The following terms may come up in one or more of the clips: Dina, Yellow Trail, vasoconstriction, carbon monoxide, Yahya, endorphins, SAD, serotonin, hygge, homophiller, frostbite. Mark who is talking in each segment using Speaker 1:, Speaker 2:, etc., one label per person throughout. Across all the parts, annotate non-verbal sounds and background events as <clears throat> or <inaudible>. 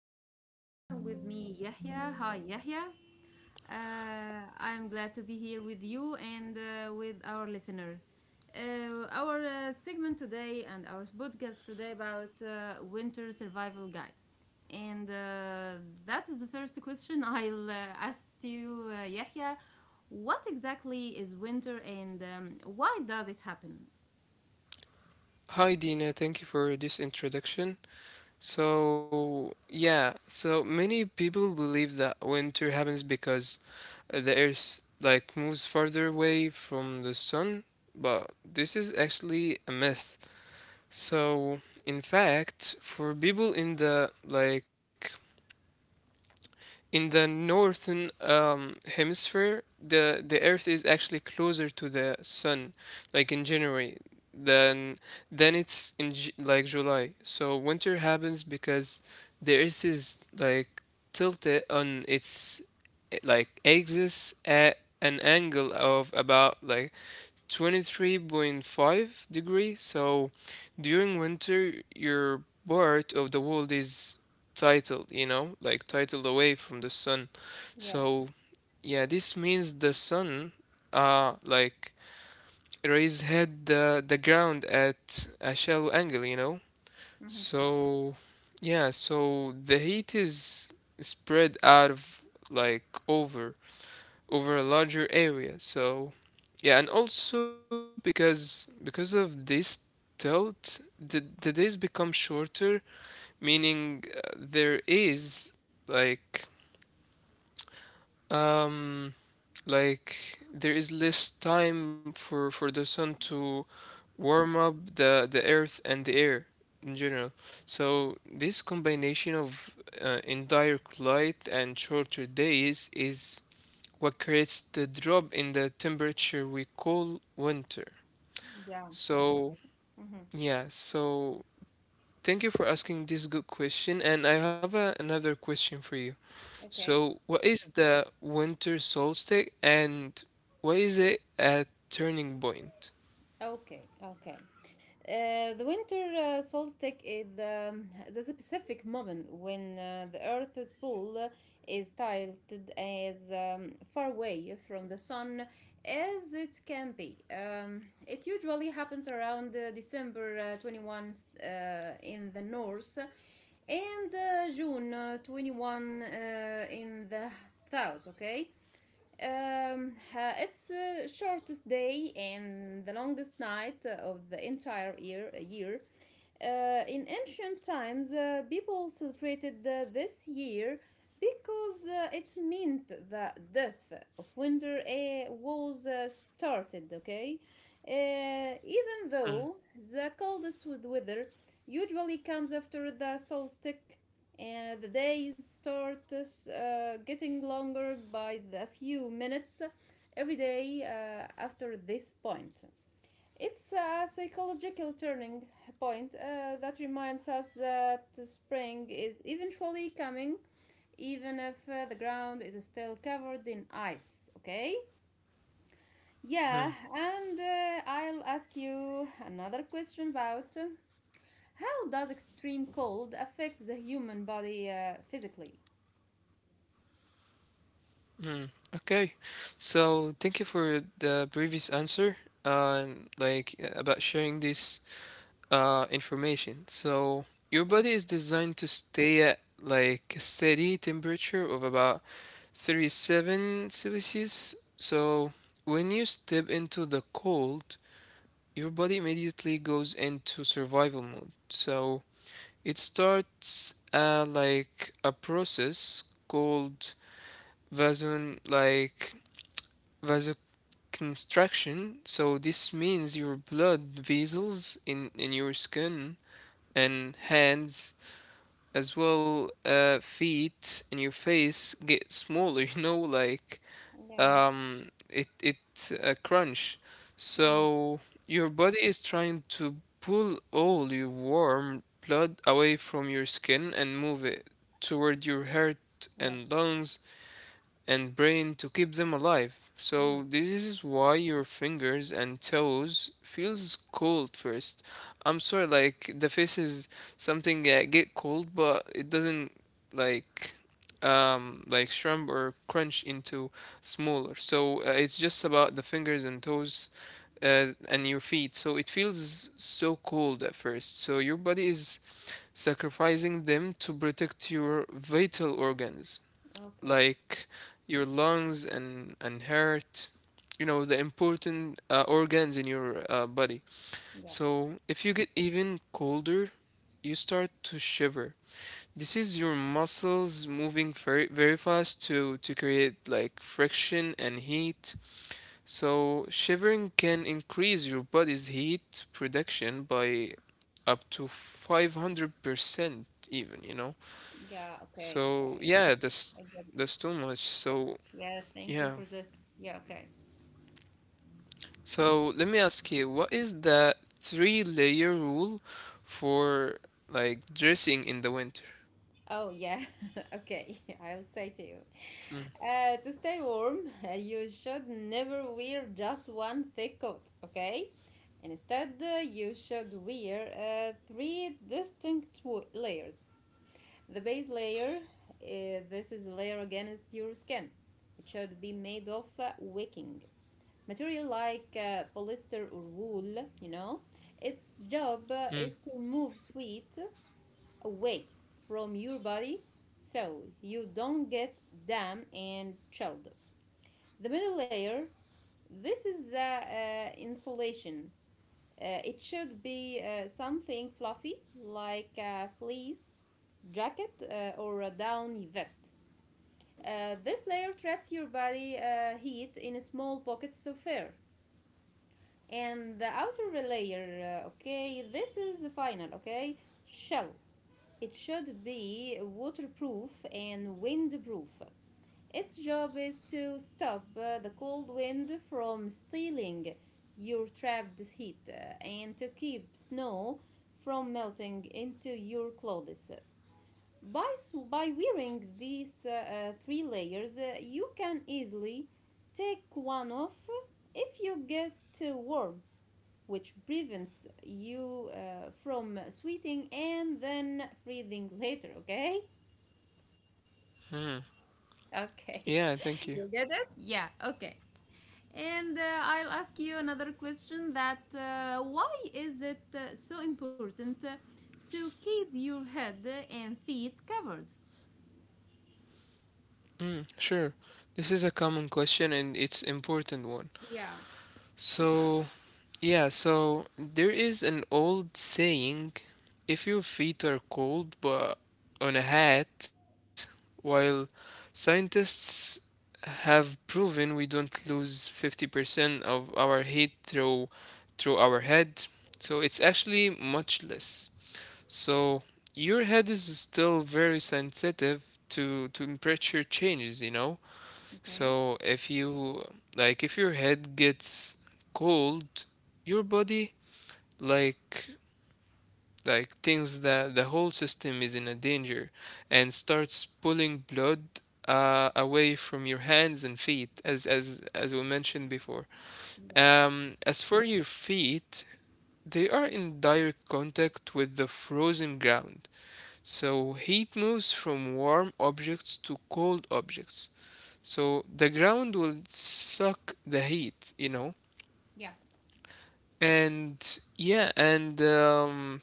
Speaker 1: podcast, with me Yahya. Hi Yahya. I'm glad to be here with you and with our listener. Our segment today and our podcast today about winter survival guide. And that is the first question <laughs> I'll ask to you, Yahya. What exactly is winter and why does it happen?
Speaker 2: Hi, Dina. Thank you for this introduction. So many people believe that winter happens because the Earth moves farther away from the sun, but this is actually a myth. So, in fact, for people in the like in the northern hemisphere, the Earth is actually closer to the sun, like in January, than it's in J like July. So winter happens because the Earth is like tilted on its axis at an angle of about like 23.5 degrees. So during winter your part of the world is titled, you know, like titled away from the sun.
Speaker 1: Yeah.
Speaker 2: So, yeah, this means the sun, uh, like raised head the ground at a shallow angle, you know.
Speaker 1: Mhm.
Speaker 2: So, yeah, so the heat is spread out of like over a larger area. So, yeah, and also because of this tilt, the days become shorter, meaning there is like Um, there is less time for the sun to warm up the earth and the air in general. So this combination of indirect light and shorter days is what creates the drop in the temperature we call winter. So yeah, so thank you for asking this good question, and I have another question for you.
Speaker 1: Okay.
Speaker 2: So, what is the winter solstice and what is it a turning point?
Speaker 1: Okay, okay. The winter solstice is the specific moment when the Earth's pole is tilted as far away from the sun as it can be. It usually happens around December 21 in the north and June 21 in the south, okay? It's the shortest day and the longest night of the entire year. In ancient times, people celebrated this year because it meant the death of winter was started, okay? Even though
Speaker 2: hmm
Speaker 1: the coldest weather usually comes after the solstice, and the days start getting longer by a few minutes every day after this point. It's a psychological turning point that reminds us that spring is eventually coming, even if the ground is still covered in ice, okay? Yeah, and I'll ask you another question about how does extreme cold affect the human body physically?
Speaker 2: Okay. So, thank you for the previous answer. About sharing this information. So, your
Speaker 1: Thanks.
Speaker 2: body is designed to stay at like a steady temperature of about 37 Celsius. So, when you step into the cold, your body immediately goes into survival mode. So it starts like a process called vason like vasoconstriction. So this means your blood vessels in your skin and hands as well, feet and your face get smaller <laughs> you know, like
Speaker 1: Yeah.
Speaker 2: it it's a crunch.
Speaker 1: Hmm.
Speaker 2: So your body is trying to pull all your warm blood away from your skin and move it toward your heart and
Speaker 1: Yes.
Speaker 2: lungs and brain to keep them alive. So
Speaker 1: Hmm.
Speaker 2: this is why your fingers and toes feels cold first. I'm sorry, like the face is something that get cold, but it doesn't like shrimp or crunch into smaller. So it's just about the fingers and toes and your feet. So it feels so cold at first. So your body is sacrificing them to protect your vital organs,
Speaker 1: Okay.
Speaker 2: like your lungs and heart, you know, the important organs in your body.
Speaker 1: Yes.
Speaker 2: So if you get even colder you start to shiver. This is your muscles moving very very fast to create like friction and heat. So shivering can increase your body's heat production by up to 500%, even, you know.
Speaker 1: Yeah, okay, okay.
Speaker 2: So yeah,
Speaker 1: I
Speaker 2: that's
Speaker 1: guess.
Speaker 2: that's too much. So
Speaker 1: Yeah, thank you
Speaker 2: yeah,
Speaker 1: for this. Yeah, okay.
Speaker 2: so let me ask you, what is the three-layer rule for dressing in the winter?
Speaker 1: Oh, yeah. <laughs> Okay, <laughs> I'll say to you.
Speaker 2: Mm,
Speaker 1: To stay warm, <laughs> you should never wear just one thick coat, okay? Instead, you should wear three distinct layers. The base layer, this is layer against your skin. It should be made of wicking material like polyester or wool. Its job
Speaker 2: mm,
Speaker 1: is to remove sweat away from your body so you don't get damp and chilled. The middle layer, this is the insulation. It should be something fluffy like a fleece jacket or a downy vest. This layer traps your body heat in small pockets of air. And the outer layer, okay, this is the final, okay? Shell. It should be waterproof and windproof. Its job is to stop the cold wind from stealing your trapped heat and to keep snow from melting into your clothes. By, by wearing these three layers, you can easily take one off if you get too warm, which prevents you from sweating and then breathing later, okay?
Speaker 2: mm.
Speaker 1: Okay.
Speaker 2: Yeah, thank you.
Speaker 1: <laughs> You get it? Yeah, okay. And I'll ask you another question that why is it so important to keep your head and feet covered?
Speaker 2: Mm, sure. This is a common question and it's important one.
Speaker 1: Yeah,
Speaker 2: So yeah, so there is an old saying, if your feet are cold but on a hat, while scientists have proven we don't lose 50% of our heat through our head, so it's actually much less. So your head is still very sensitive to temperature changes, you know?
Speaker 1: okay.
Speaker 2: So if your head gets cold, your body like thinks that the whole system is in a danger and starts pulling blood away from your hands and feet, as as we mentioned before.
Speaker 1: Yeah.
Speaker 2: As for your feet, they are in direct contact with the frozen ground. So heat moves from warm objects to cold objects. So the ground will suck the heat, you know?
Speaker 1: Yeah.
Speaker 2: And yeah, and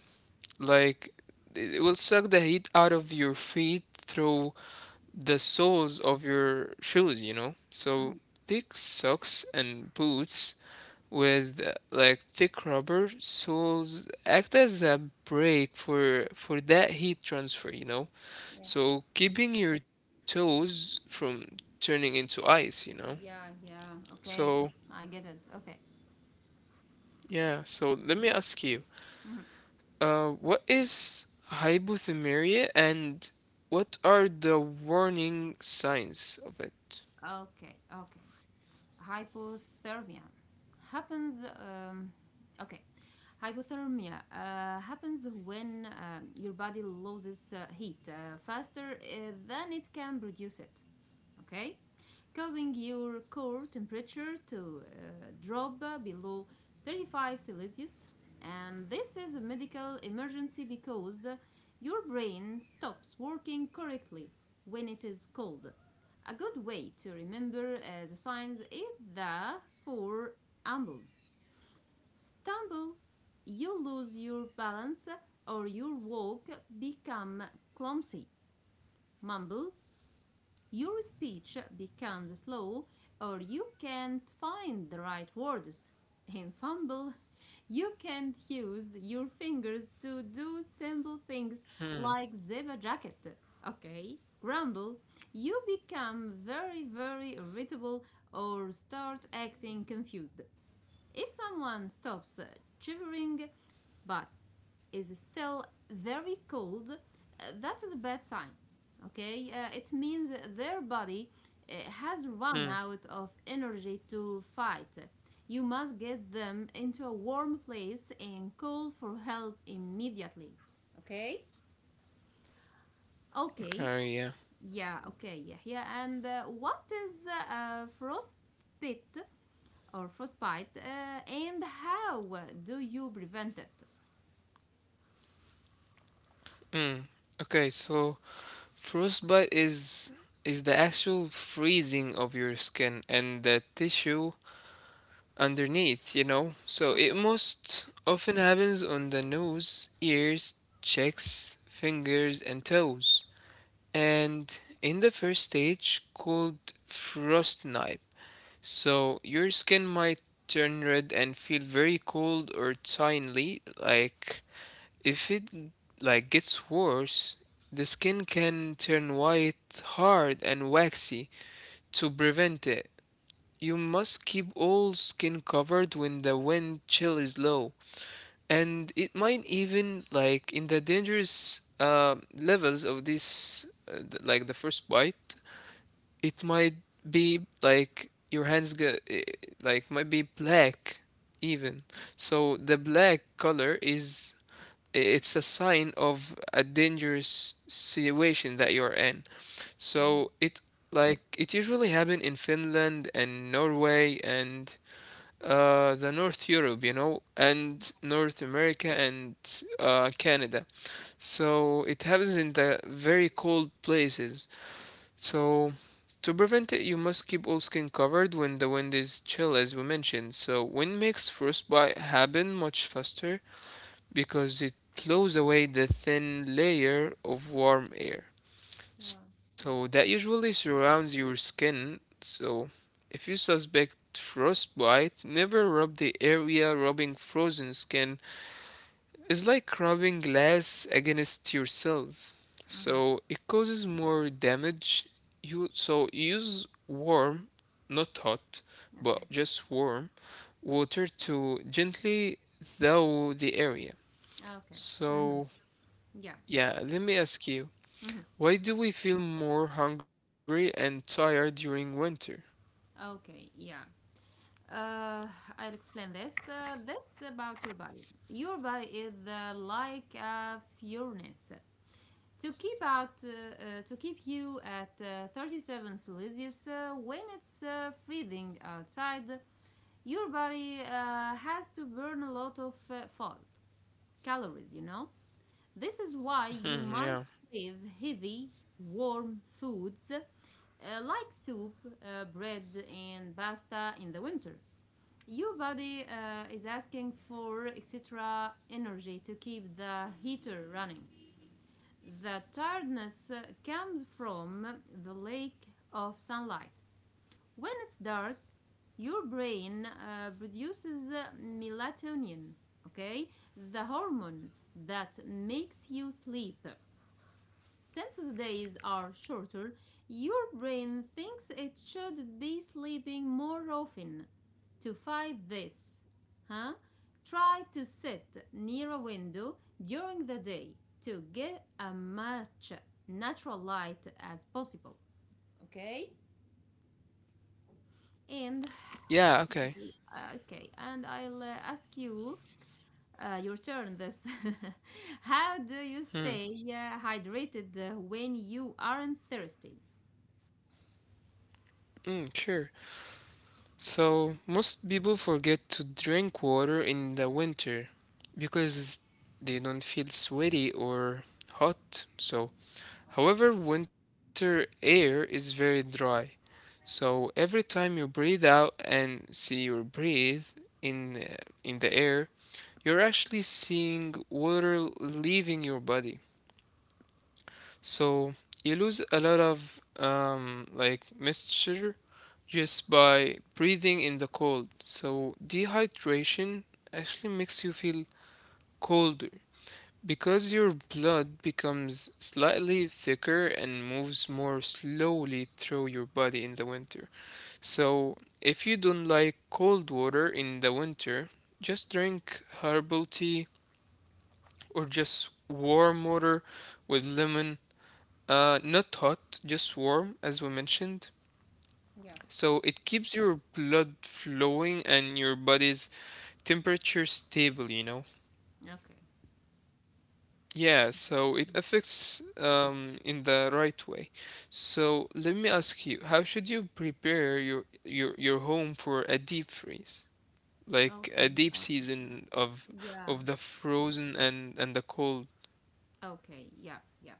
Speaker 2: like it will suck the heat out of your feet through the soles of your shoes, you know? So thick socks and boots with thick rubber soles act as a brake for that heat transfer, you know? So keeping your toes from turning into ice, you know?
Speaker 1: Yeah, yeah. Okay.
Speaker 2: So,
Speaker 1: I get it. Okay.
Speaker 2: yeah, so let me ask you,
Speaker 1: Mhm.
Speaker 2: what is hypothermia and what are the warning signs of it?
Speaker 1: Okay, okay. hypothermia happens um, okay Hypothermia happens when your body loses heat faster than it can produce it, okay, causing your core temperature to drop below 35 Celsius. And this is a medical emergency because your brain stops working correctly when it is cold. A good way to remember the signs is the four ambles. Stumble, you lose your balance or your walk become clumsy. Mumble, your speech becomes slow or you can't find the right words. In fumble, you can't use your fingers to do simple things like zip a jacket. Okay? Grumble, you become very, very irritable or start acting confused. If someone stops chivering, but is still very cold, that is a bad sign. Okay, it means their body
Speaker 2: Hmm.
Speaker 1: has run out of energy to fight. You must get them into a warm place and call for help immediately. Okay?
Speaker 2: Okay,
Speaker 1: Okay,
Speaker 2: yeah.
Speaker 1: yeah, okay, yeah, yeah. And what is uh, frostbite frostbite and how do you prevent it?
Speaker 2: Mm. Okay, so frostbite is the actual freezing of your skin and the tissue underneath, you know? So it
Speaker 1: Okay.
Speaker 2: most often happens on the nose, ears, cheeks, fingers, and toes. And in the first stage, called frostnipe, so your skin might turn red and feel very cold or tingly. Like if it gets worse, the skin can turn white, hard, and waxy. To prevent it, you must keep all skin covered when the wind chill is low, and it might even like in the dangerous levels of this, the first bite, it might be like your hands get might be black even. So the black color is it's a sign of a dangerous situation that you're in. So
Speaker 1: Mhm.
Speaker 2: it usually happen in Finland and Norway and the North Europe, you know, and North America and Canada. So it happens in the very cold places. So to prevent it, you must keep all skin covered when the wind is chill, as we mentioned. So wind makes frostbite happen much faster because it blows away the thin layer of warm air.
Speaker 1: Yeah,
Speaker 2: So that
Speaker 1: yeah.
Speaker 2: usually surrounds your skin. So if you suspect frostbite, never rub the area. Rubbing frozen skin is like rubbing glass against your cells.
Speaker 1: Mm-hmm.
Speaker 2: So it causes more damage. You so Use warm, not hot, but
Speaker 1: Okay.
Speaker 2: just warm water to gently thaw the area.
Speaker 1: Okay. Hmm.
Speaker 2: So
Speaker 1: Yeah.
Speaker 2: yeah, let me ask you.
Speaker 1: Hmm.
Speaker 2: Why do we feel more hungry and tired during winter?
Speaker 1: Okay. Yeah. Uh, I'll explain this. This about your body. Your body is like a furnace. To keep you at 37 Celsius when it's freezing outside, your body has to burn a lot of fat, calories. You know. This is why you might
Speaker 2: Hmm, yeah.
Speaker 1: crave heavy, warm foods like soup, bread, and pasta in the winter. Your body is asking for extra energy to keep the heater running. The tiredness comes from the lack of sunlight. When it's dark, your brain produces melatonin, okay? The hormone that makes you sleep. Since the days are shorter, your brain thinks it should be sleeping more often. To fight this, huh? Try to sit near a window during the day to get as much natural light as possible. Okay? And
Speaker 2: Yeah, okay.
Speaker 1: okay, and I'll ask you your turn this. <laughs> How do you
Speaker 2: Hmm.
Speaker 1: stay hydrated when you aren't thirsty?
Speaker 2: Mm, sure. So, most people forget to drink water in the winter because they don't feel sweaty or hot. So, however, winter air is very dry. So, every time you breathe out and see your breathe in uh, in the air, you're actually seeing water leaving your body. So you lose a lot of moisture just by breathing in the cold. So dehydration actually makes you feel colder because your blood becomes slightly thicker and moves more slowly through your body in the winter. So if you don't like cold water in the winter, just drink herbal tea or just warm water with lemon, not hot, just warm, as we mentioned.
Speaker 1: Yeah.
Speaker 2: So it keeps your blood flowing and your body's temperature stable, you know?
Speaker 1: Okay.
Speaker 2: Yeah, so it affects in the right way. So let me ask you, how should you prepare your home for a deep freeze? Like
Speaker 1: Okay,
Speaker 2: a deep
Speaker 1: awesome.
Speaker 2: season
Speaker 1: Yeah.
Speaker 2: of the frozen and the cold.
Speaker 1: Okay, yeah, yeah.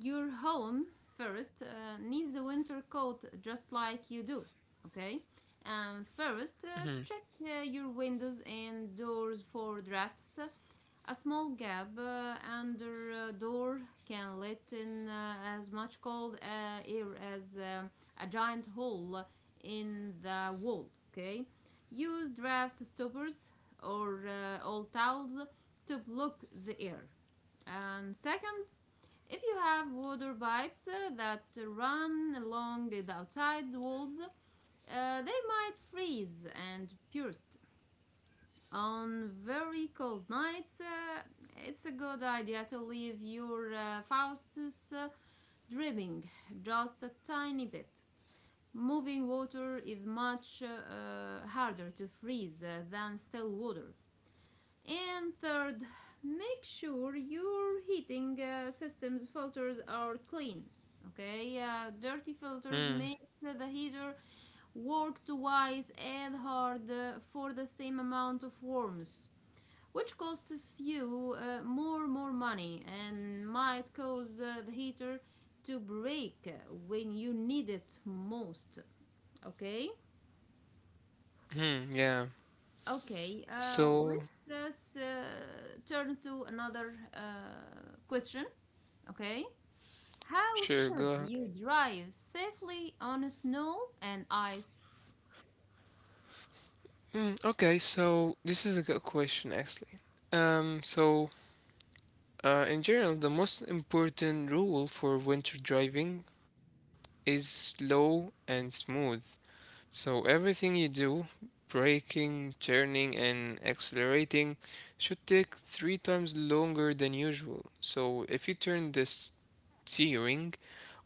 Speaker 1: Your home first needs a winter coat just like you do, okay? And first,
Speaker 2: Mm-hmm.
Speaker 1: check your windows and doors for drafts. A small gap under a door can let in as much cold air as a giant hole in the wall. Okay, use draft stoppers or old towels to block the air. And second, if you have water pipes that run along the outside walls, they might freeze and burst. On very cold nights, it's a good idea to leave your Faustus dripping just a tiny bit. Moving water is much harder to freeze than still water. And third, make sure your heating system's filters are clean. Okay, dirty filters
Speaker 2: Mm-hmm.
Speaker 1: make the heater work twice as hard for the same amount of warmth, which costs you more money and might cause the heater to break when you need it most, okay.
Speaker 2: Mm-hmm. Yeah.
Speaker 1: Okay,
Speaker 2: So
Speaker 1: let's just turn to another question. Okay, how
Speaker 2: sure,
Speaker 1: should
Speaker 2: go.
Speaker 1: you drive safely on snow and ice
Speaker 2: Mm, okay, so this is a good question actually. So in general, the most important rule for winter driving is slow and smooth. So everything you do, braking, turning, and accelerating, should take three times longer than usual. So if you turn the steering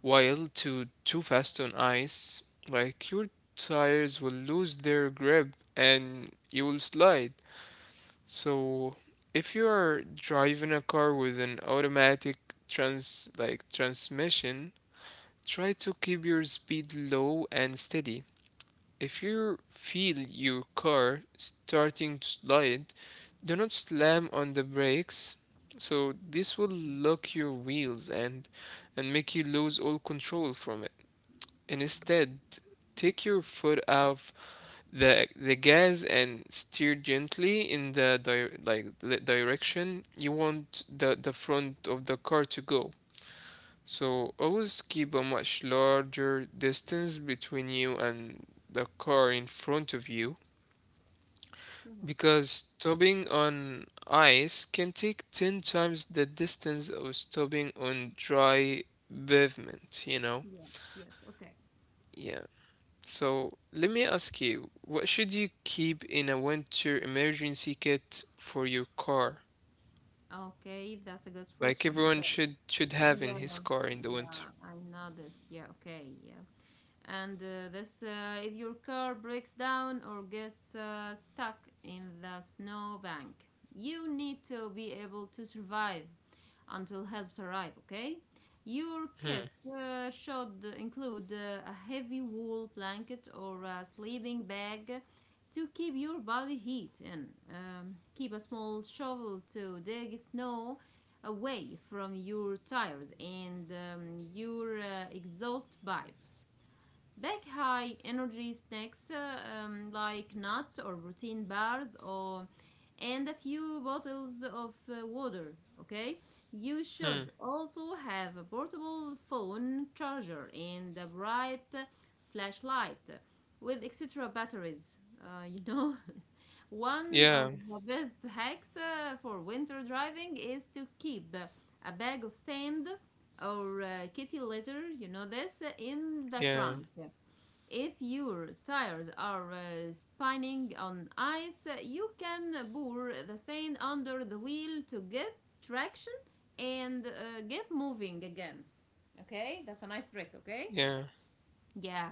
Speaker 2: while too fast on ice, like your tires will lose their grip and you will slide. So, if you're driving a car with an automatic transmission, try to keep your speed low and steady. If you feel your car starting to slide, do not slam on the brakes. So this will lock your wheels and make you lose all control from it. And instead, take your foot off the gas and steer gently in the the direction you want the front of the car to go. So always keep a much larger distance between you and the car in front of you
Speaker 1: roads?
Speaker 2: because stopping on ice can take 10 times the distance of stopping on dry pavement, you know?
Speaker 1: Yes, okay.
Speaker 2: Yeah. So let me ask you, what should you keep in a winter emergency kit for your car?
Speaker 1: Okay, that's a good
Speaker 2: Like
Speaker 1: question.
Speaker 2: everyone
Speaker 1: Okay,
Speaker 2: should have in
Speaker 1: yeah,
Speaker 2: his car in the winter.
Speaker 1: yeah, I know this. Yeah, okay, yeah. And this, if your car breaks down or gets stuck in the snowbank, you need to be able to survive until helps arrive, okay. Your kit
Speaker 2: Hmm.
Speaker 1: should include a heavy wool blanket or a sleeping bag to keep your body heat in. Keep a small shovel to dig snow away from your tires and your exhaust pipe. Bake high energy snacks, like nuts or protein bars or and a few bottles of water, okay? You
Speaker 2: Hmm.
Speaker 1: should also have a portable phone charger and a bright flashlight with extra batteries. <laughs> One
Speaker 2: Yeah.
Speaker 1: of the best hacks for winter driving is to keep a bag of sand or kitty litter, you know this, in the
Speaker 2: Yeah.
Speaker 1: trunk. If your tires are spinning on ice, you can pour the sand under the wheel to get traction and get moving again. Okay, that's a nice trick, okay?
Speaker 2: Yeah.
Speaker 1: Yeah.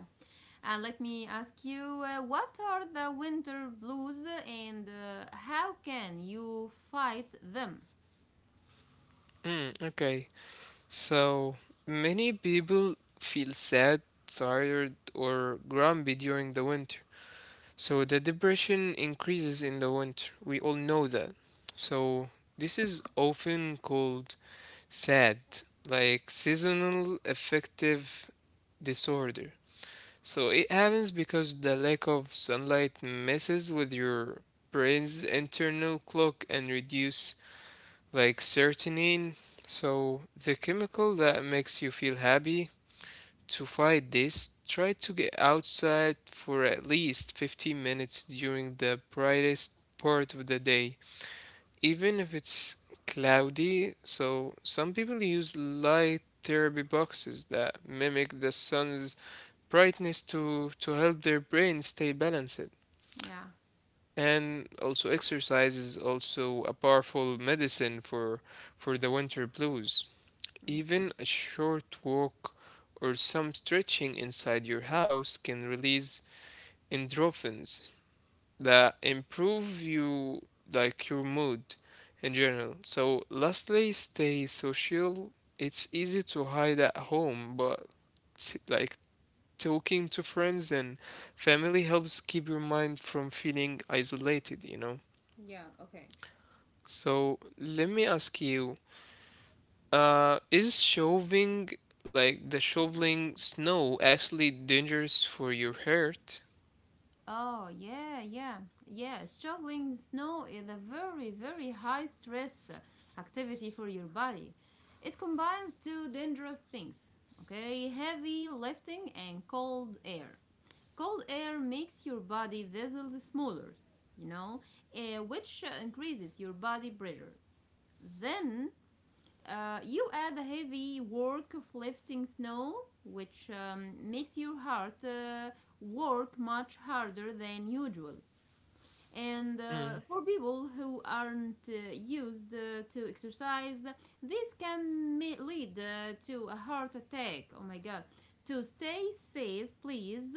Speaker 1: And let me ask you, what are the winter blues and how can you fight them?
Speaker 2: Hmm. Okay. So many people feel sad, tired, or grumpy during the winter. So the depression increases in the winter. We all know that. So this is often called SAD, like seasonal affective disorder. So it happens because the lack of sunlight messes with your brain's internal clock and reduce like serotonin. So the chemical that makes you feel happy. To fight this, try to get outside for at least 15 minutes during the brightest part of the day even if it's cloudy. So some people use light therapy boxes that mimic the sun's brightness to help their brain stay balanced.
Speaker 1: Yeah.
Speaker 2: And also exercise is also a powerful medicine for the winter blues.
Speaker 1: Mm-hmm.
Speaker 2: Even a short walk or some stretching inside your house can release endorphins, that improve you like your mood in general. So lastly, stay social. It's easy to hide at home, but t- like talking to friends and family helps keep your mind from feeling isolated.
Speaker 1: Yeah, okay.
Speaker 2: So let me ask you, is shoving like the shoveling snow actually dangerous for your heart?
Speaker 1: Oh, yeah, yeah, yeah. Shoveling snow is a very, very high stress activity for your body. It combines two dangerous things, okay? Heavy lifting and cold air. Cold air makes your body vessels smaller, you know, which increases your body pressure. Then you add the heavy work of lifting snow, which makes your heart work much harder than usual. And
Speaker 2: Mm,
Speaker 1: for people who aren't used to exercise, this can lead to a heart attack. Oh my god. To stay safe, please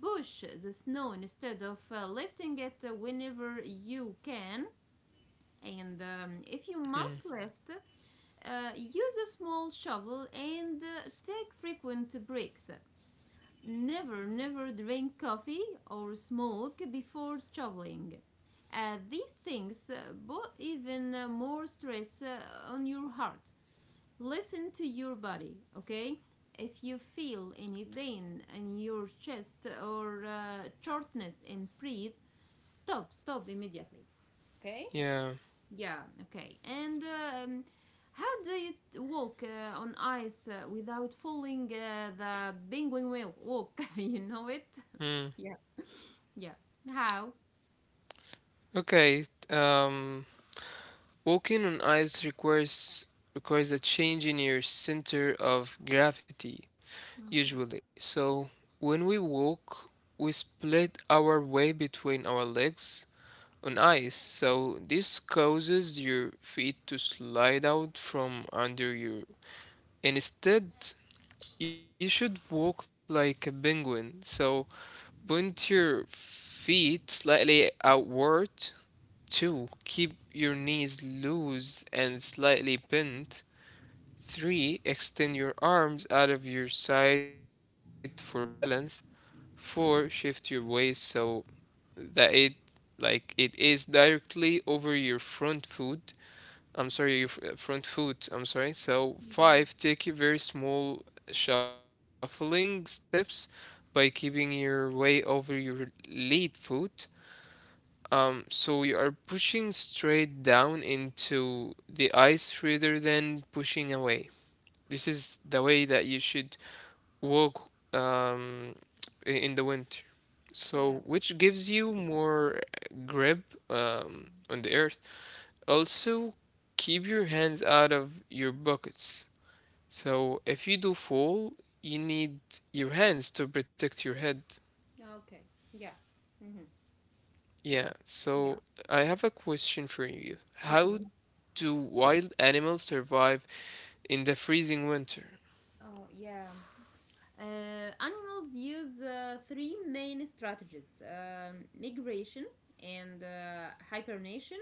Speaker 1: push the snow instead of lifting it whenever you can. And if you must
Speaker 2: mm,
Speaker 1: lift, use a small shovel and take frequent breaks. Never, never drink coffee or smoke before shoveling. These things put even more stress on your heart. Listen to your body, okay? If you feel any pain in your chest or shortness and breathe, stop, stop immediately. Okay.
Speaker 2: yeah.
Speaker 1: Yeah, okay. And how do you walk on ice without falling, the penguin walk? <laughs> You know it?
Speaker 2: Mm.
Speaker 1: Yeah. Yeah. How?
Speaker 2: Okay. Um. Walking on ice requires a change in your center of gravity, usually. So when we walk, we split our way between our legs on ice. So this causes your feet to slide out from under you. Instead, you should walk like a penguin. So point your feet slightly outward. 2. Keep your knees loose and slightly bent. 3. Extend your arms out of your side for balance. 4. Shift your waist so that it is directly over your front foot. I'm sorry, your front foot. I'm sorry. So
Speaker 1: Yeah.
Speaker 2: 5. Take a very small shuffling steps by keeping your weight over your lead foot. So you are pushing straight down into the ice rather than pushing away. This is the way that you should walk in the winter.
Speaker 1: Yeah.
Speaker 2: So, which gives you more grip on the earth. Also, keep your hands out of your buckets. So, if you do fall, you need your hands to protect your head.
Speaker 1: Okay. Yeah. Hmm.
Speaker 2: Yeah,
Speaker 1: Yeah.
Speaker 2: so I have a question for you. How
Speaker 1: Okay.
Speaker 2: do wild animals survive in the freezing winter?
Speaker 1: Oh, yeah. Uh, Animals use three main strategies: migration and hibernation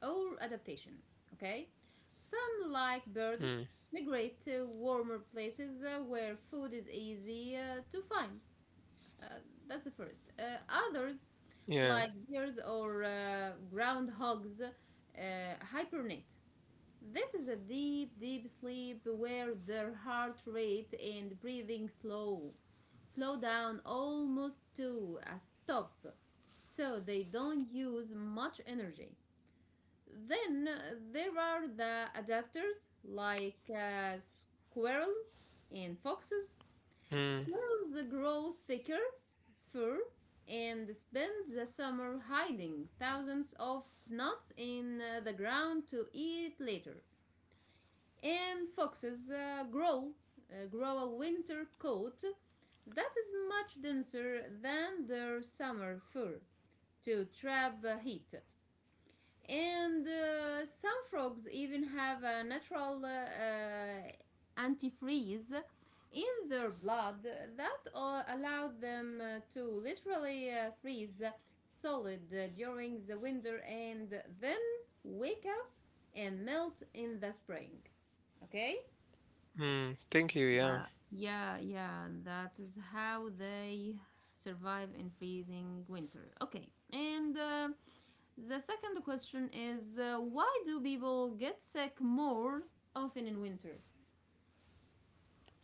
Speaker 1: or adaptation. Okay? Some, like
Speaker 2: Hmm.
Speaker 1: birds, migrate to warmer places where food is easy to find. Uh, that's the first. Others,
Speaker 2: Yeah.
Speaker 1: like deers or groundhogs, hibernate. This is a deep, deep sleep where their heart rate and breathing slow down almost to a stop, so they don't use much energy. Then there are the adapters like squirrels and foxes.
Speaker 2: Hmm.
Speaker 1: Squirrels grow thicker fur and spend the summer hiding thousands of nuts in the ground to eat later, and foxes grow a winter coat that is much denser than their summer fur to trap heat. And some frogs even have a natural antifreeze in their blood that allow them to literally freeze solid during the winter and then wake up and melt in the spring. Okay?
Speaker 2: Hmm. Thank you. Yeah.
Speaker 1: Yeah, yeah, that is how they survive in freezing winter. Okay, and the second question is, why do people get sick more often in winter?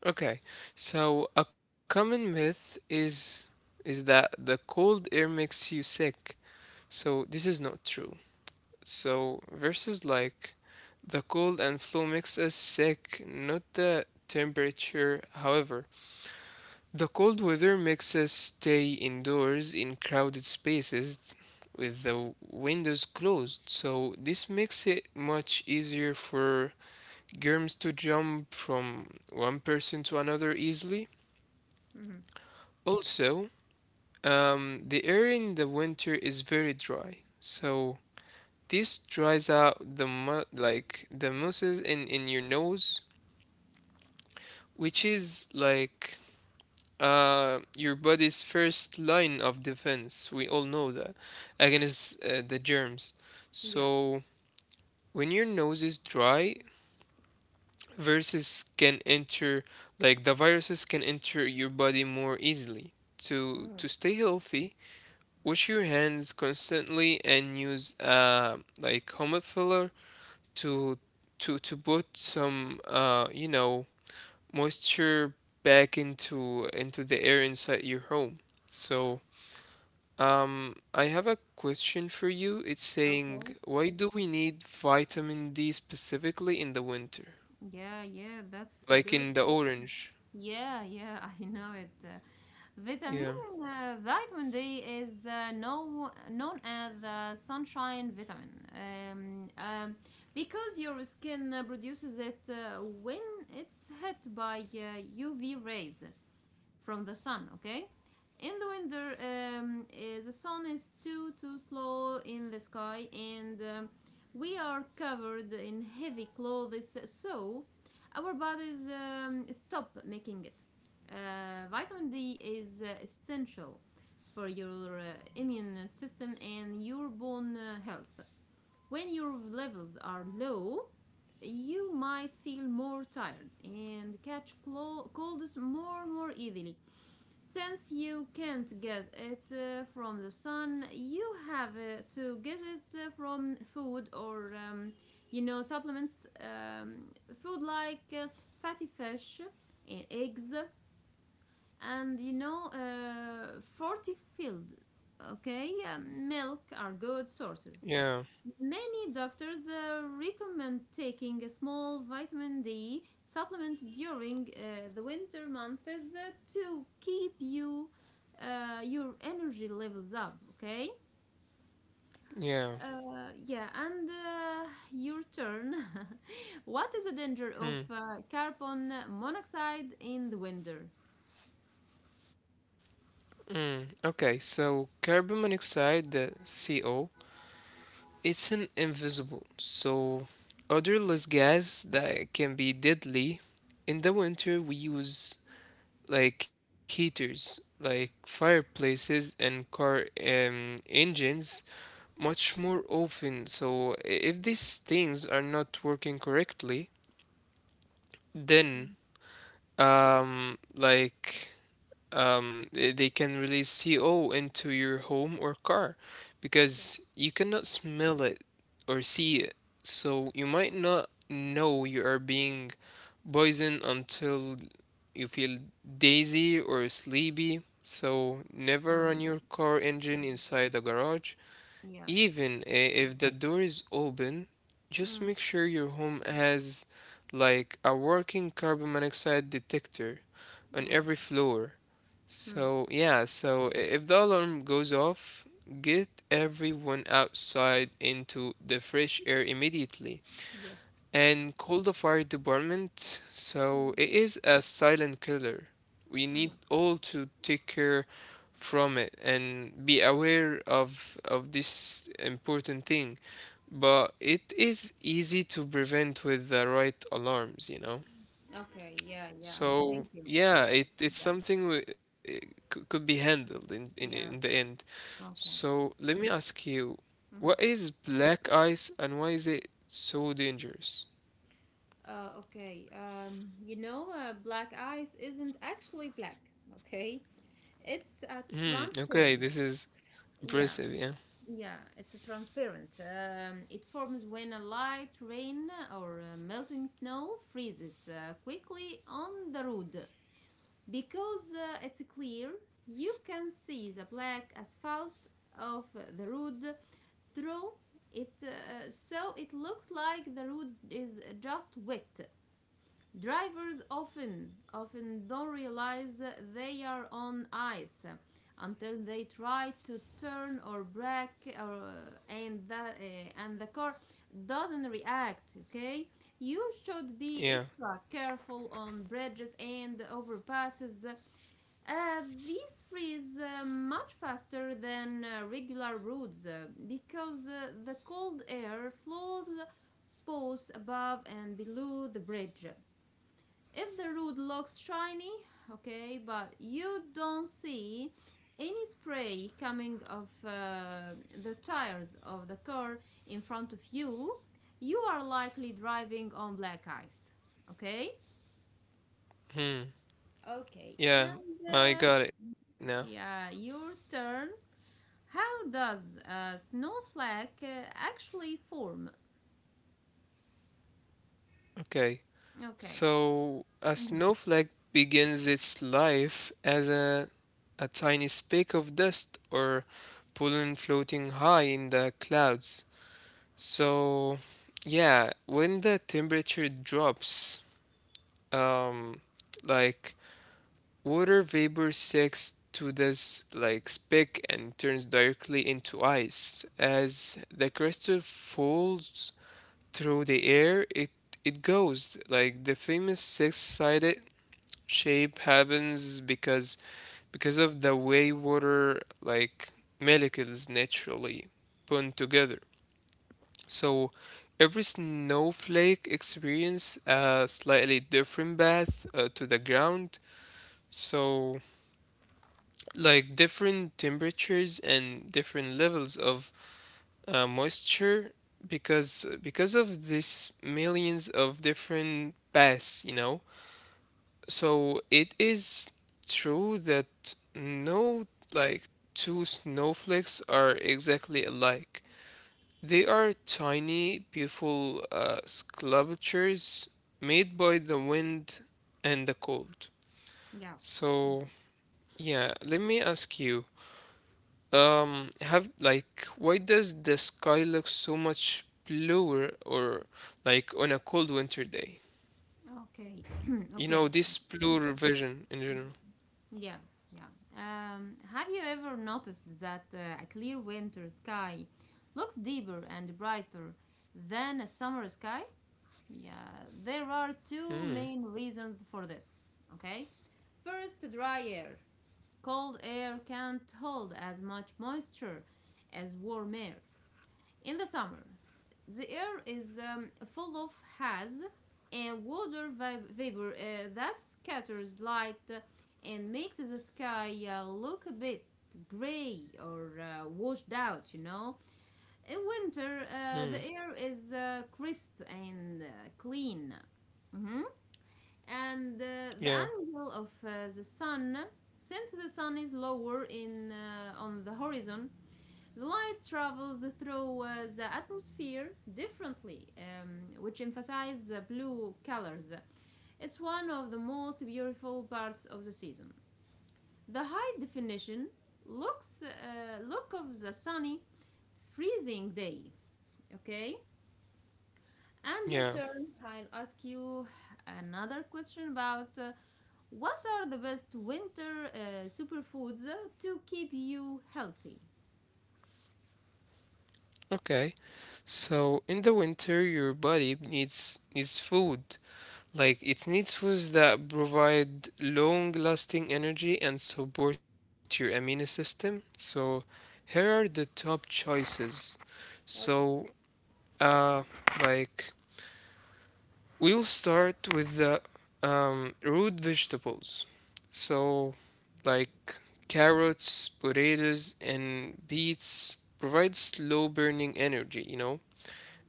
Speaker 2: Okay. So a common myth is that the cold air makes you sick. So this is not true. So verses like the cold and flu makes us sick, not the temperature. However, the cold weather makes us stay indoors in crowded spaces with the windows closed, so this makes it much easier for germs to jump from one person to another easily.
Speaker 1: Mm-hmm.
Speaker 2: Also, the air in the winter is very dry, so this dries out the mucus in your nose, which is like your body's first line of defense. We all know that against the germs.
Speaker 1: Yeah.
Speaker 2: So when your nose is dry, viruses can enter your body more easily. To
Speaker 1: Mhm.
Speaker 2: to stay healthy, wash your hands constantly and use like homophiller to to put some moisture back into the air inside your home. So I have a question for you. It's saying,
Speaker 1: Okay.
Speaker 2: why do we need vitamin D specifically in the winter?
Speaker 1: Yeah, yeah, that's a
Speaker 2: Like
Speaker 1: good
Speaker 2: in the
Speaker 1: question.
Speaker 2: orange.
Speaker 1: Yeah, yeah, <laughs> I know it.
Speaker 2: Yeah,
Speaker 1: Vitamin vitamin D is known as the sunshine vitamin, um, um, because your skin produces it when it's hit by UV rays from the sun, okay? In the winter, the sun is too slow in the sky, and we are covered in heavy clothes, so our bodies stop making it. Vitamin D is essential for your immune system and your bone health. When your levels are low, you might feel more tired and catch colds more easily. Since you can't get it from the sun, you have to get it from food or, supplements. Food like fatty fish, eggs, and, fortified, okay, milk are good sources.
Speaker 2: yeah,
Speaker 1: Many doctors recommend taking a small vitamin D supplement during the winter months to keep your energy levels up. Okay.
Speaker 2: yeah.
Speaker 1: Yeah, and your turn. <laughs> What is the danger of
Speaker 2: Hmm.
Speaker 1: carbon monoxide in the winter?
Speaker 2: Mm. Okay, so carbon monoxide, the CO, it's an invisible, so odorless gas that can be deadly. In the winter, we use like heaters, like fireplaces and car engines much more often. So if these things are not working correctly, then um like they can release CO into your home or car because
Speaker 1: Yes.
Speaker 2: you cannot smell it or see it. So you might not know you are being poisoned until you feel dazy or sleepy. So
Speaker 1: Um,
Speaker 2: never run
Speaker 1: the-
Speaker 2: your car engine inside the garage
Speaker 1: yes.
Speaker 2: even if the door is open, just
Speaker 1: Mm,
Speaker 2: make sure your home has like a working carbon monoxide detector on every
Speaker 1: yes.
Speaker 2: floor.
Speaker 1: Mm,
Speaker 2: So, yeah, so if the alarm goes off, get everyone outside into the fresh air immediately
Speaker 1: yes.
Speaker 2: and called the fire department. So it is a silent killer. We
Speaker 1: Hmm.
Speaker 2: need all to take care from it and be aware of this important thing. But it is easy to prevent with the right alarms, you know.
Speaker 1: Okay. Yeah. Yeah.
Speaker 2: So
Speaker 1: Thank you.
Speaker 2: yeah, it, it's something we, it c- could be handled in the
Speaker 1: Yes.
Speaker 2: end. So let me ask you,
Speaker 1: Hmm.
Speaker 2: what is black ice and why is it so dangerous?
Speaker 1: Okay. You know, black ice isn't actually black, okay? It's
Speaker 2: Hmm. Okay,
Speaker 1: transparent.
Speaker 2: this is
Speaker 1: Yeah,
Speaker 2: impressive. Yeah.
Speaker 1: yeah, it's a transparent. It forms when a light rain or melting snow freezes quickly on the road. Because it's clear, you can see the black asphalt of the road through it, so it looks like the road is just wet. Drivers often don't realize they are on ice until they try to turn or brake, or and the car doesn't react, okay? You should be
Speaker 2: Yeah.
Speaker 1: extra careful on bridges and overpasses. These freeze much faster than regular roads because the cold air flows both above and below the bridge. If the root looks shiny, okay, but you don't see any spray coming of the tires of the car in front of you, you are likely driving on black ice, okay?
Speaker 2: Hmm.
Speaker 1: Okay.
Speaker 2: Yeah.
Speaker 1: And
Speaker 2: I
Speaker 1: uh,
Speaker 2: got it now.
Speaker 1: yeah, your turn. How does a snowflake actually form?
Speaker 2: Okay.
Speaker 1: Okay.
Speaker 2: So a
Speaker 1: Mhm.
Speaker 2: snowflake begins its life as a tiny speck of dust or pollen floating high in the clouds. So yeah, when the temperature drops, um, like water vapor sticks to this like speck and turns directly into ice. As the crystal falls through the air, it goes like the famous six-sided shape happens because of the way water like molecules naturally put together. So every snowflake experiences a slightly different path to the ground. So like different temperatures and different levels of moisture because of this millions of different paths, you know, so it is true that no like two snowflakes are exactly alike. They are tiny beautiful sculptures made by the wind and the cold.
Speaker 1: Yeah.
Speaker 2: So yeah, let me ask you, why does the sky look so much bluer or like on a cold winter day?
Speaker 1: Okay. <clears throat>
Speaker 2: You
Speaker 1: Okay.
Speaker 2: know, this bluer vision in general.
Speaker 1: Yeah, yeah. Have you ever noticed that a clear winter sky looks deeper and brighter than a summer sky? Yeah, there are two
Speaker 2: Hmm.
Speaker 1: main reasons for this, okay? First, dry air. Cold air can't hold as much moisture as warm air. In the summer, the air is full of haze and water vapor that scatters light, and makes the sky look a bit gray or washed out, you know. In winter,
Speaker 2: Hmm.
Speaker 1: the air is crisp and clean. Mhm. And the
Speaker 2: Yeah.
Speaker 1: angle of the sun, since the sun is lower in on the horizon, the light travels through the atmosphere differently, which emphasizes the blue colors. It's one of the most beautiful parts of the season. The high definition look of the sunny, freezing day. Okay, and your
Speaker 2: Yeah.
Speaker 1: turn. I'll ask you another question about, what are the best winter superfoods to keep you healthy.
Speaker 2: Okay. So in the winter, your body needs food. Like it needs foods that provide long-lasting energy and support your immune system. So here are the top choices. So,
Speaker 1: Okay.
Speaker 2: uh, like. we'll start with the root vegetables. So, like carrots, potatoes, and beets provide slow burning energy, you know?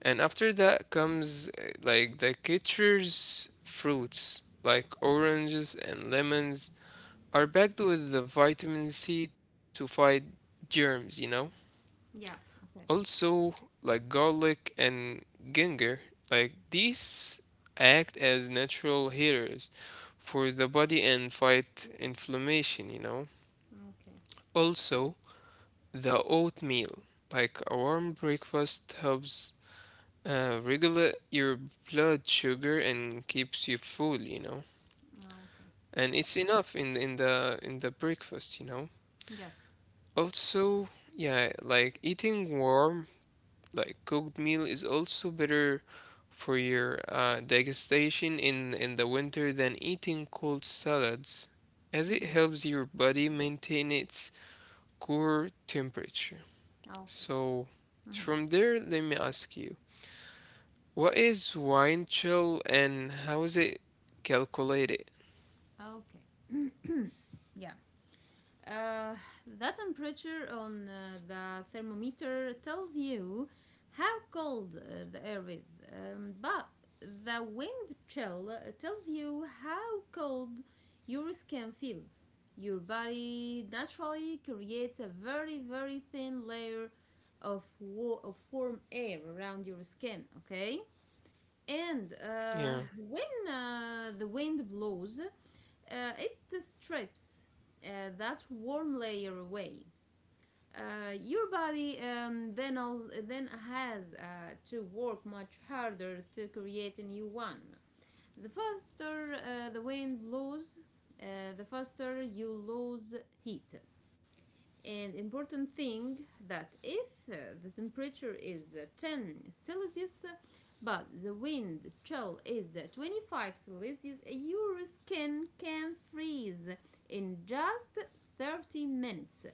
Speaker 2: And after that comes like the citrus fruits, like oranges and lemons, are packed with the vitamin C to fight germs, you know?
Speaker 1: Yeah. Okay.
Speaker 2: Also, like garlic and ginger, like these act as natural heaters for the body and fight inflammation, you know.
Speaker 1: Okay.
Speaker 2: Also, the oatmeal, like a warm breakfast, helps regulate your blood sugar and keeps you full, you know.
Speaker 1: Okay.
Speaker 2: And it's enough in the breakfast, you know.
Speaker 1: Yes.
Speaker 2: Also, yeah, like eating warm like cooked meal is also better for your digestion in the winter than eating cold salads, as it
Speaker 1: Mm-hmm.
Speaker 2: helps your body maintain its core temperature.
Speaker 1: Okay.
Speaker 2: So, from there, let me ask you, what is wine chill and how is it calculated?
Speaker 1: Mm-hmm. Okay. <clears throat> Yeah. Uh, that temperature on the thermometer tells you how cold the air is, but the wind chill tells you how cold your skin feels. Your body naturally creates a very, very thin layer of, of warm air around your skin, okay? And
Speaker 2: Yeah.
Speaker 1: when the wind blows, it strips that warm layer away. Your body then has to work much harder to create a new one. The faster the wind blows, the faster you lose heat. And important thing that if the temperature is 10 Celsius, but the wind chill is 25 Celsius, your skin can freeze in just 30 minutes.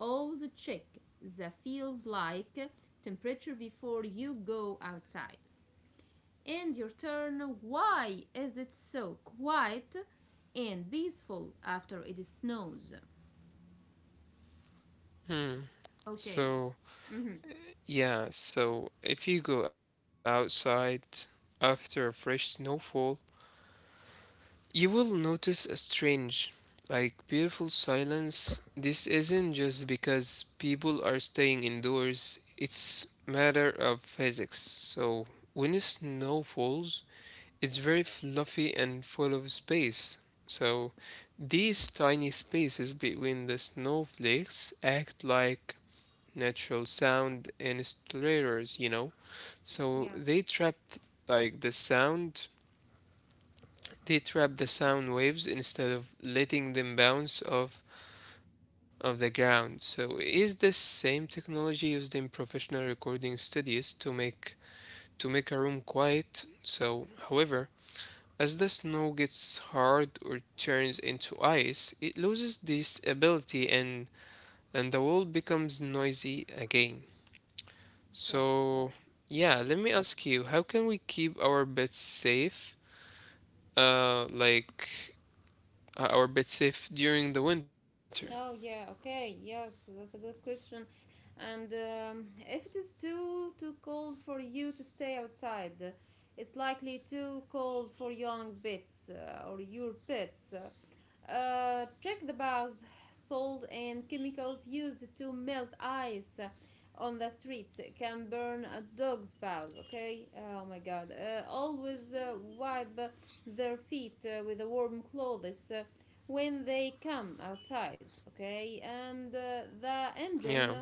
Speaker 1: Also check the feels like temperature before you go outside. And your turn, why is it so quiet and peaceful after it snows? Okay.
Speaker 2: So,
Speaker 1: Mm-hmm.
Speaker 2: yeah, so if you go outside after a fresh snowfall, you will notice a strange, like beautiful silence. This isn't just because people are staying indoors, it's matter of physics. So when snow falls, it's very fluffy and full of space. So these tiny spaces between the snowflakes act like natural sound insulators, you know. So
Speaker 1: Yeah.
Speaker 2: they like the sound trap the sound waves instead of letting them bounce off of the ground. So is the same technology used in professional recording studios to make a room quiet. So, however, as the snow gets hard or turns into ice, it loses this ability and the world becomes noisy again.
Speaker 1: Yes, yeah.
Speaker 2: So, yeah, let me ask you, how can we keep our pets safe? Uh, like or a bit safe during the winter.
Speaker 1: Oh, yeah, okay. Yes, that's a good question. And if it is too cold for you to stay outside, it's likely too cold for young pets or your pets. Check the bars, salt, and chemicals used to melt ice on the streets can burn a dog's paws. Okay. Oh my God. Always wipe their feet with a warm clothes when they come outside. Okay. And the
Speaker 2: Yeah,
Speaker 1: engine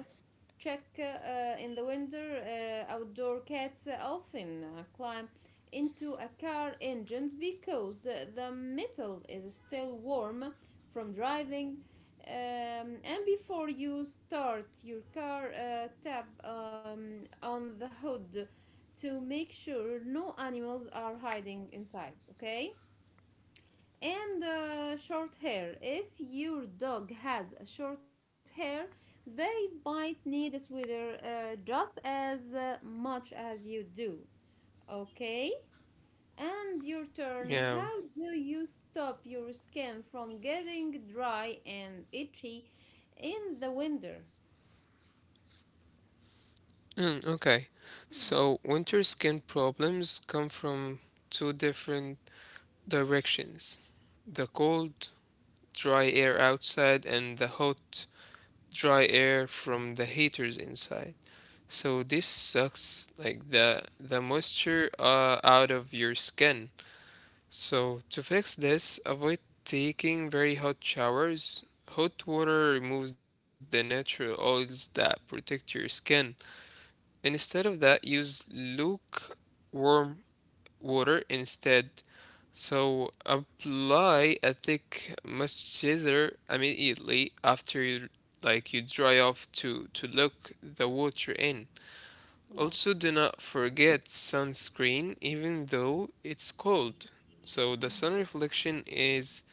Speaker 1: check in the winter. Outdoor cats often climb into a car engines because the metal is still warm from driving, and before you start your car, tap on the hood to make sure no animals are hiding inside, okay? And short hair, if your dog has short hair, they might need a sweater, just as much as you do, okay? And your turn.
Speaker 2: yeah.
Speaker 1: How do you stop your skin from getting dry and itchy in the winter?
Speaker 2: Mm, okay. So winter skin problems come from two different directions. The cold, dry air outside and the hot, dry air from the heaters inside. So this sucks like the moisture out of your skin. So, to fix this, avoid taking very hot showers. Hot water removes the natural oils that protect your skin. Instead of that, use lukewarm water instead. So, apply a thick moisturizer immediately after you dry off to lock the water in.
Speaker 1: Yeah.
Speaker 2: Also, do not forget sunscreen even though it's cold. So the sun reflection is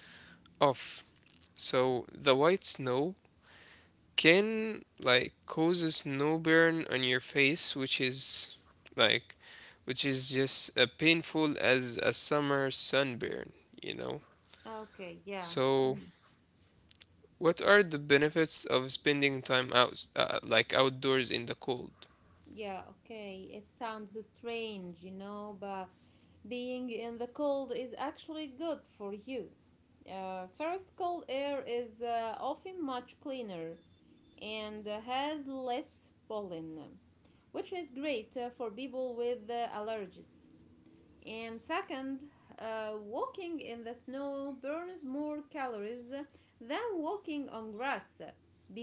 Speaker 2: off. So the white snow can like cause a snow burn on your face, like which is just as painful as a summer sunburn, you know.
Speaker 1: Okay, yeah.
Speaker 2: So
Speaker 1: Mhm.
Speaker 2: what are the benefits of spending time out like outdoors in the cold?
Speaker 1: Yeah, okay. It sounds strange, you know, but being in the cold is actually good for you. First, cold air is often much cleaner and has less pollen, which is great for people with allergies. And second, walking in the snow burns more calories than walking on grass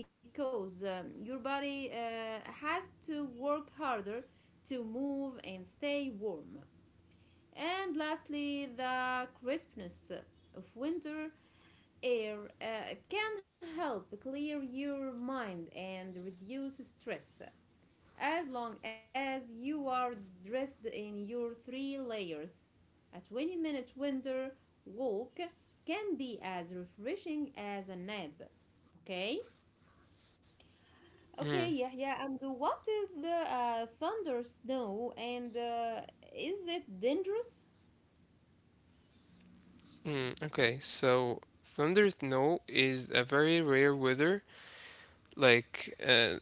Speaker 1: because your body has to work harder to move and stay warm. And lastly, the crispness of winter air can help clear your mind and reduce stress as long as you are dressed in your three layers. A 20-minute minute winter walk can be as refreshing as a nap. Okay?
Speaker 2: Hmm.
Speaker 1: Okay, yeah, yeah. And what is the thunder snow, and is it dangerous?
Speaker 2: Mm, okay, so thunder snow is a like uh,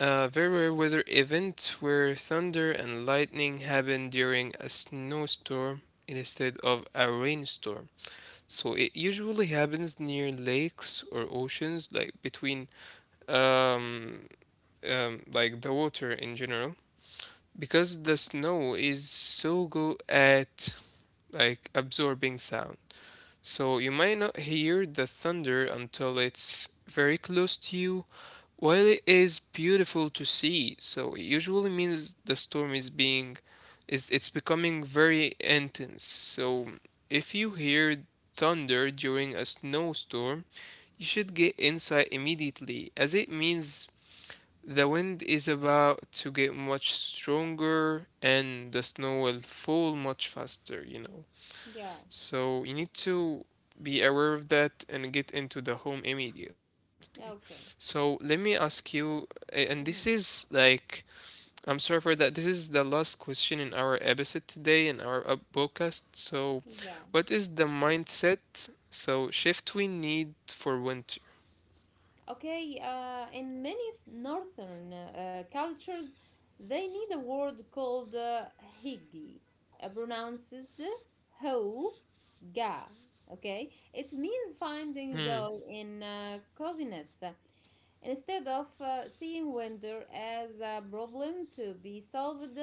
Speaker 2: very rare weather event where thunder and lightning happen during a snowstorm instead of a rainstorm. So it usually happens near lakes or oceans, like between um, like the water in general, because the snow is so good at like absorbing sound. So you might not hear the thunder until it's very close to you. While it is beautiful to see, so it usually means the storm is being is it's becoming very intense. So if you hear thunder during a snowstorm, you should get inside immediately as it means the wind is about to get much stronger and the snow will fall much faster, you know.
Speaker 1: Yeah.
Speaker 2: So you need to be aware of that and get into the home immediately. So
Speaker 1: Okay.
Speaker 2: let me ask you, a- and this is
Speaker 1: Mhm.
Speaker 2: like, I'm sorry for that. This is the last question in our episode today in our podcast. So,
Speaker 1: Yeah.
Speaker 2: what is the mindset? So shift we need for winter.
Speaker 1: Okay, in many northern cultures, they need a word called higi, pronounced ho ga. Okay, it means finding
Speaker 2: Hmm.
Speaker 1: joy in coziness instead of seeing winter as a problem to be solved.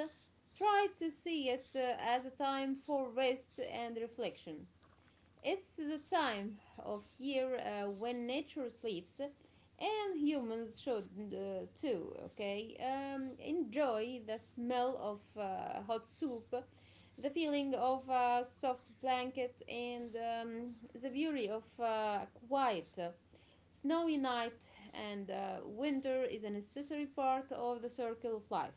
Speaker 1: Try to see it as a time for rest and reflection. It's the time of year when nature sleeps, and humans should too, okay? Enjoy the smell of hot soup, the feeling of a soft blanket, and the beauty of quiet. Snowy night, and winter is a necessary part of the circle of life.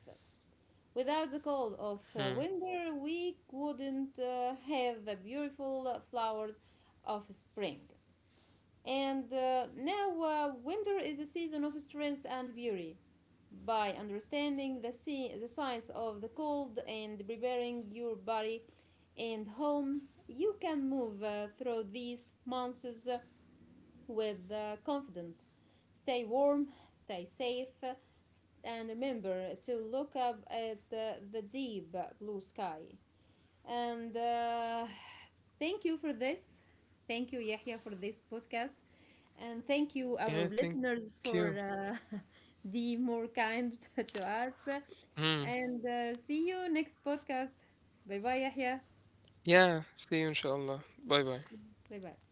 Speaker 1: Without the cold of
Speaker 2: Hmm.
Speaker 1: winter, we wouldn't have the beautiful flowers of spring. And now, winter is a season of strength and beauty. By understanding the science of the cold and preparing your body and home, you can move through these months with confidence. Stay warm, stay safe, and remember to look up at the deep blue sky. And thank you for this. Thank you, Yahya, for this podcast. And thank you, our
Speaker 2: Yeah. Thank
Speaker 1: listeners,
Speaker 2: you.
Speaker 1: for uh, <laughs> being more kind <laughs> to us.
Speaker 2: Hmm.
Speaker 1: And see you next podcast. Bye bye, Yahya.
Speaker 2: Yeah. See you, inshallah. Bye bye.
Speaker 1: Bye bye.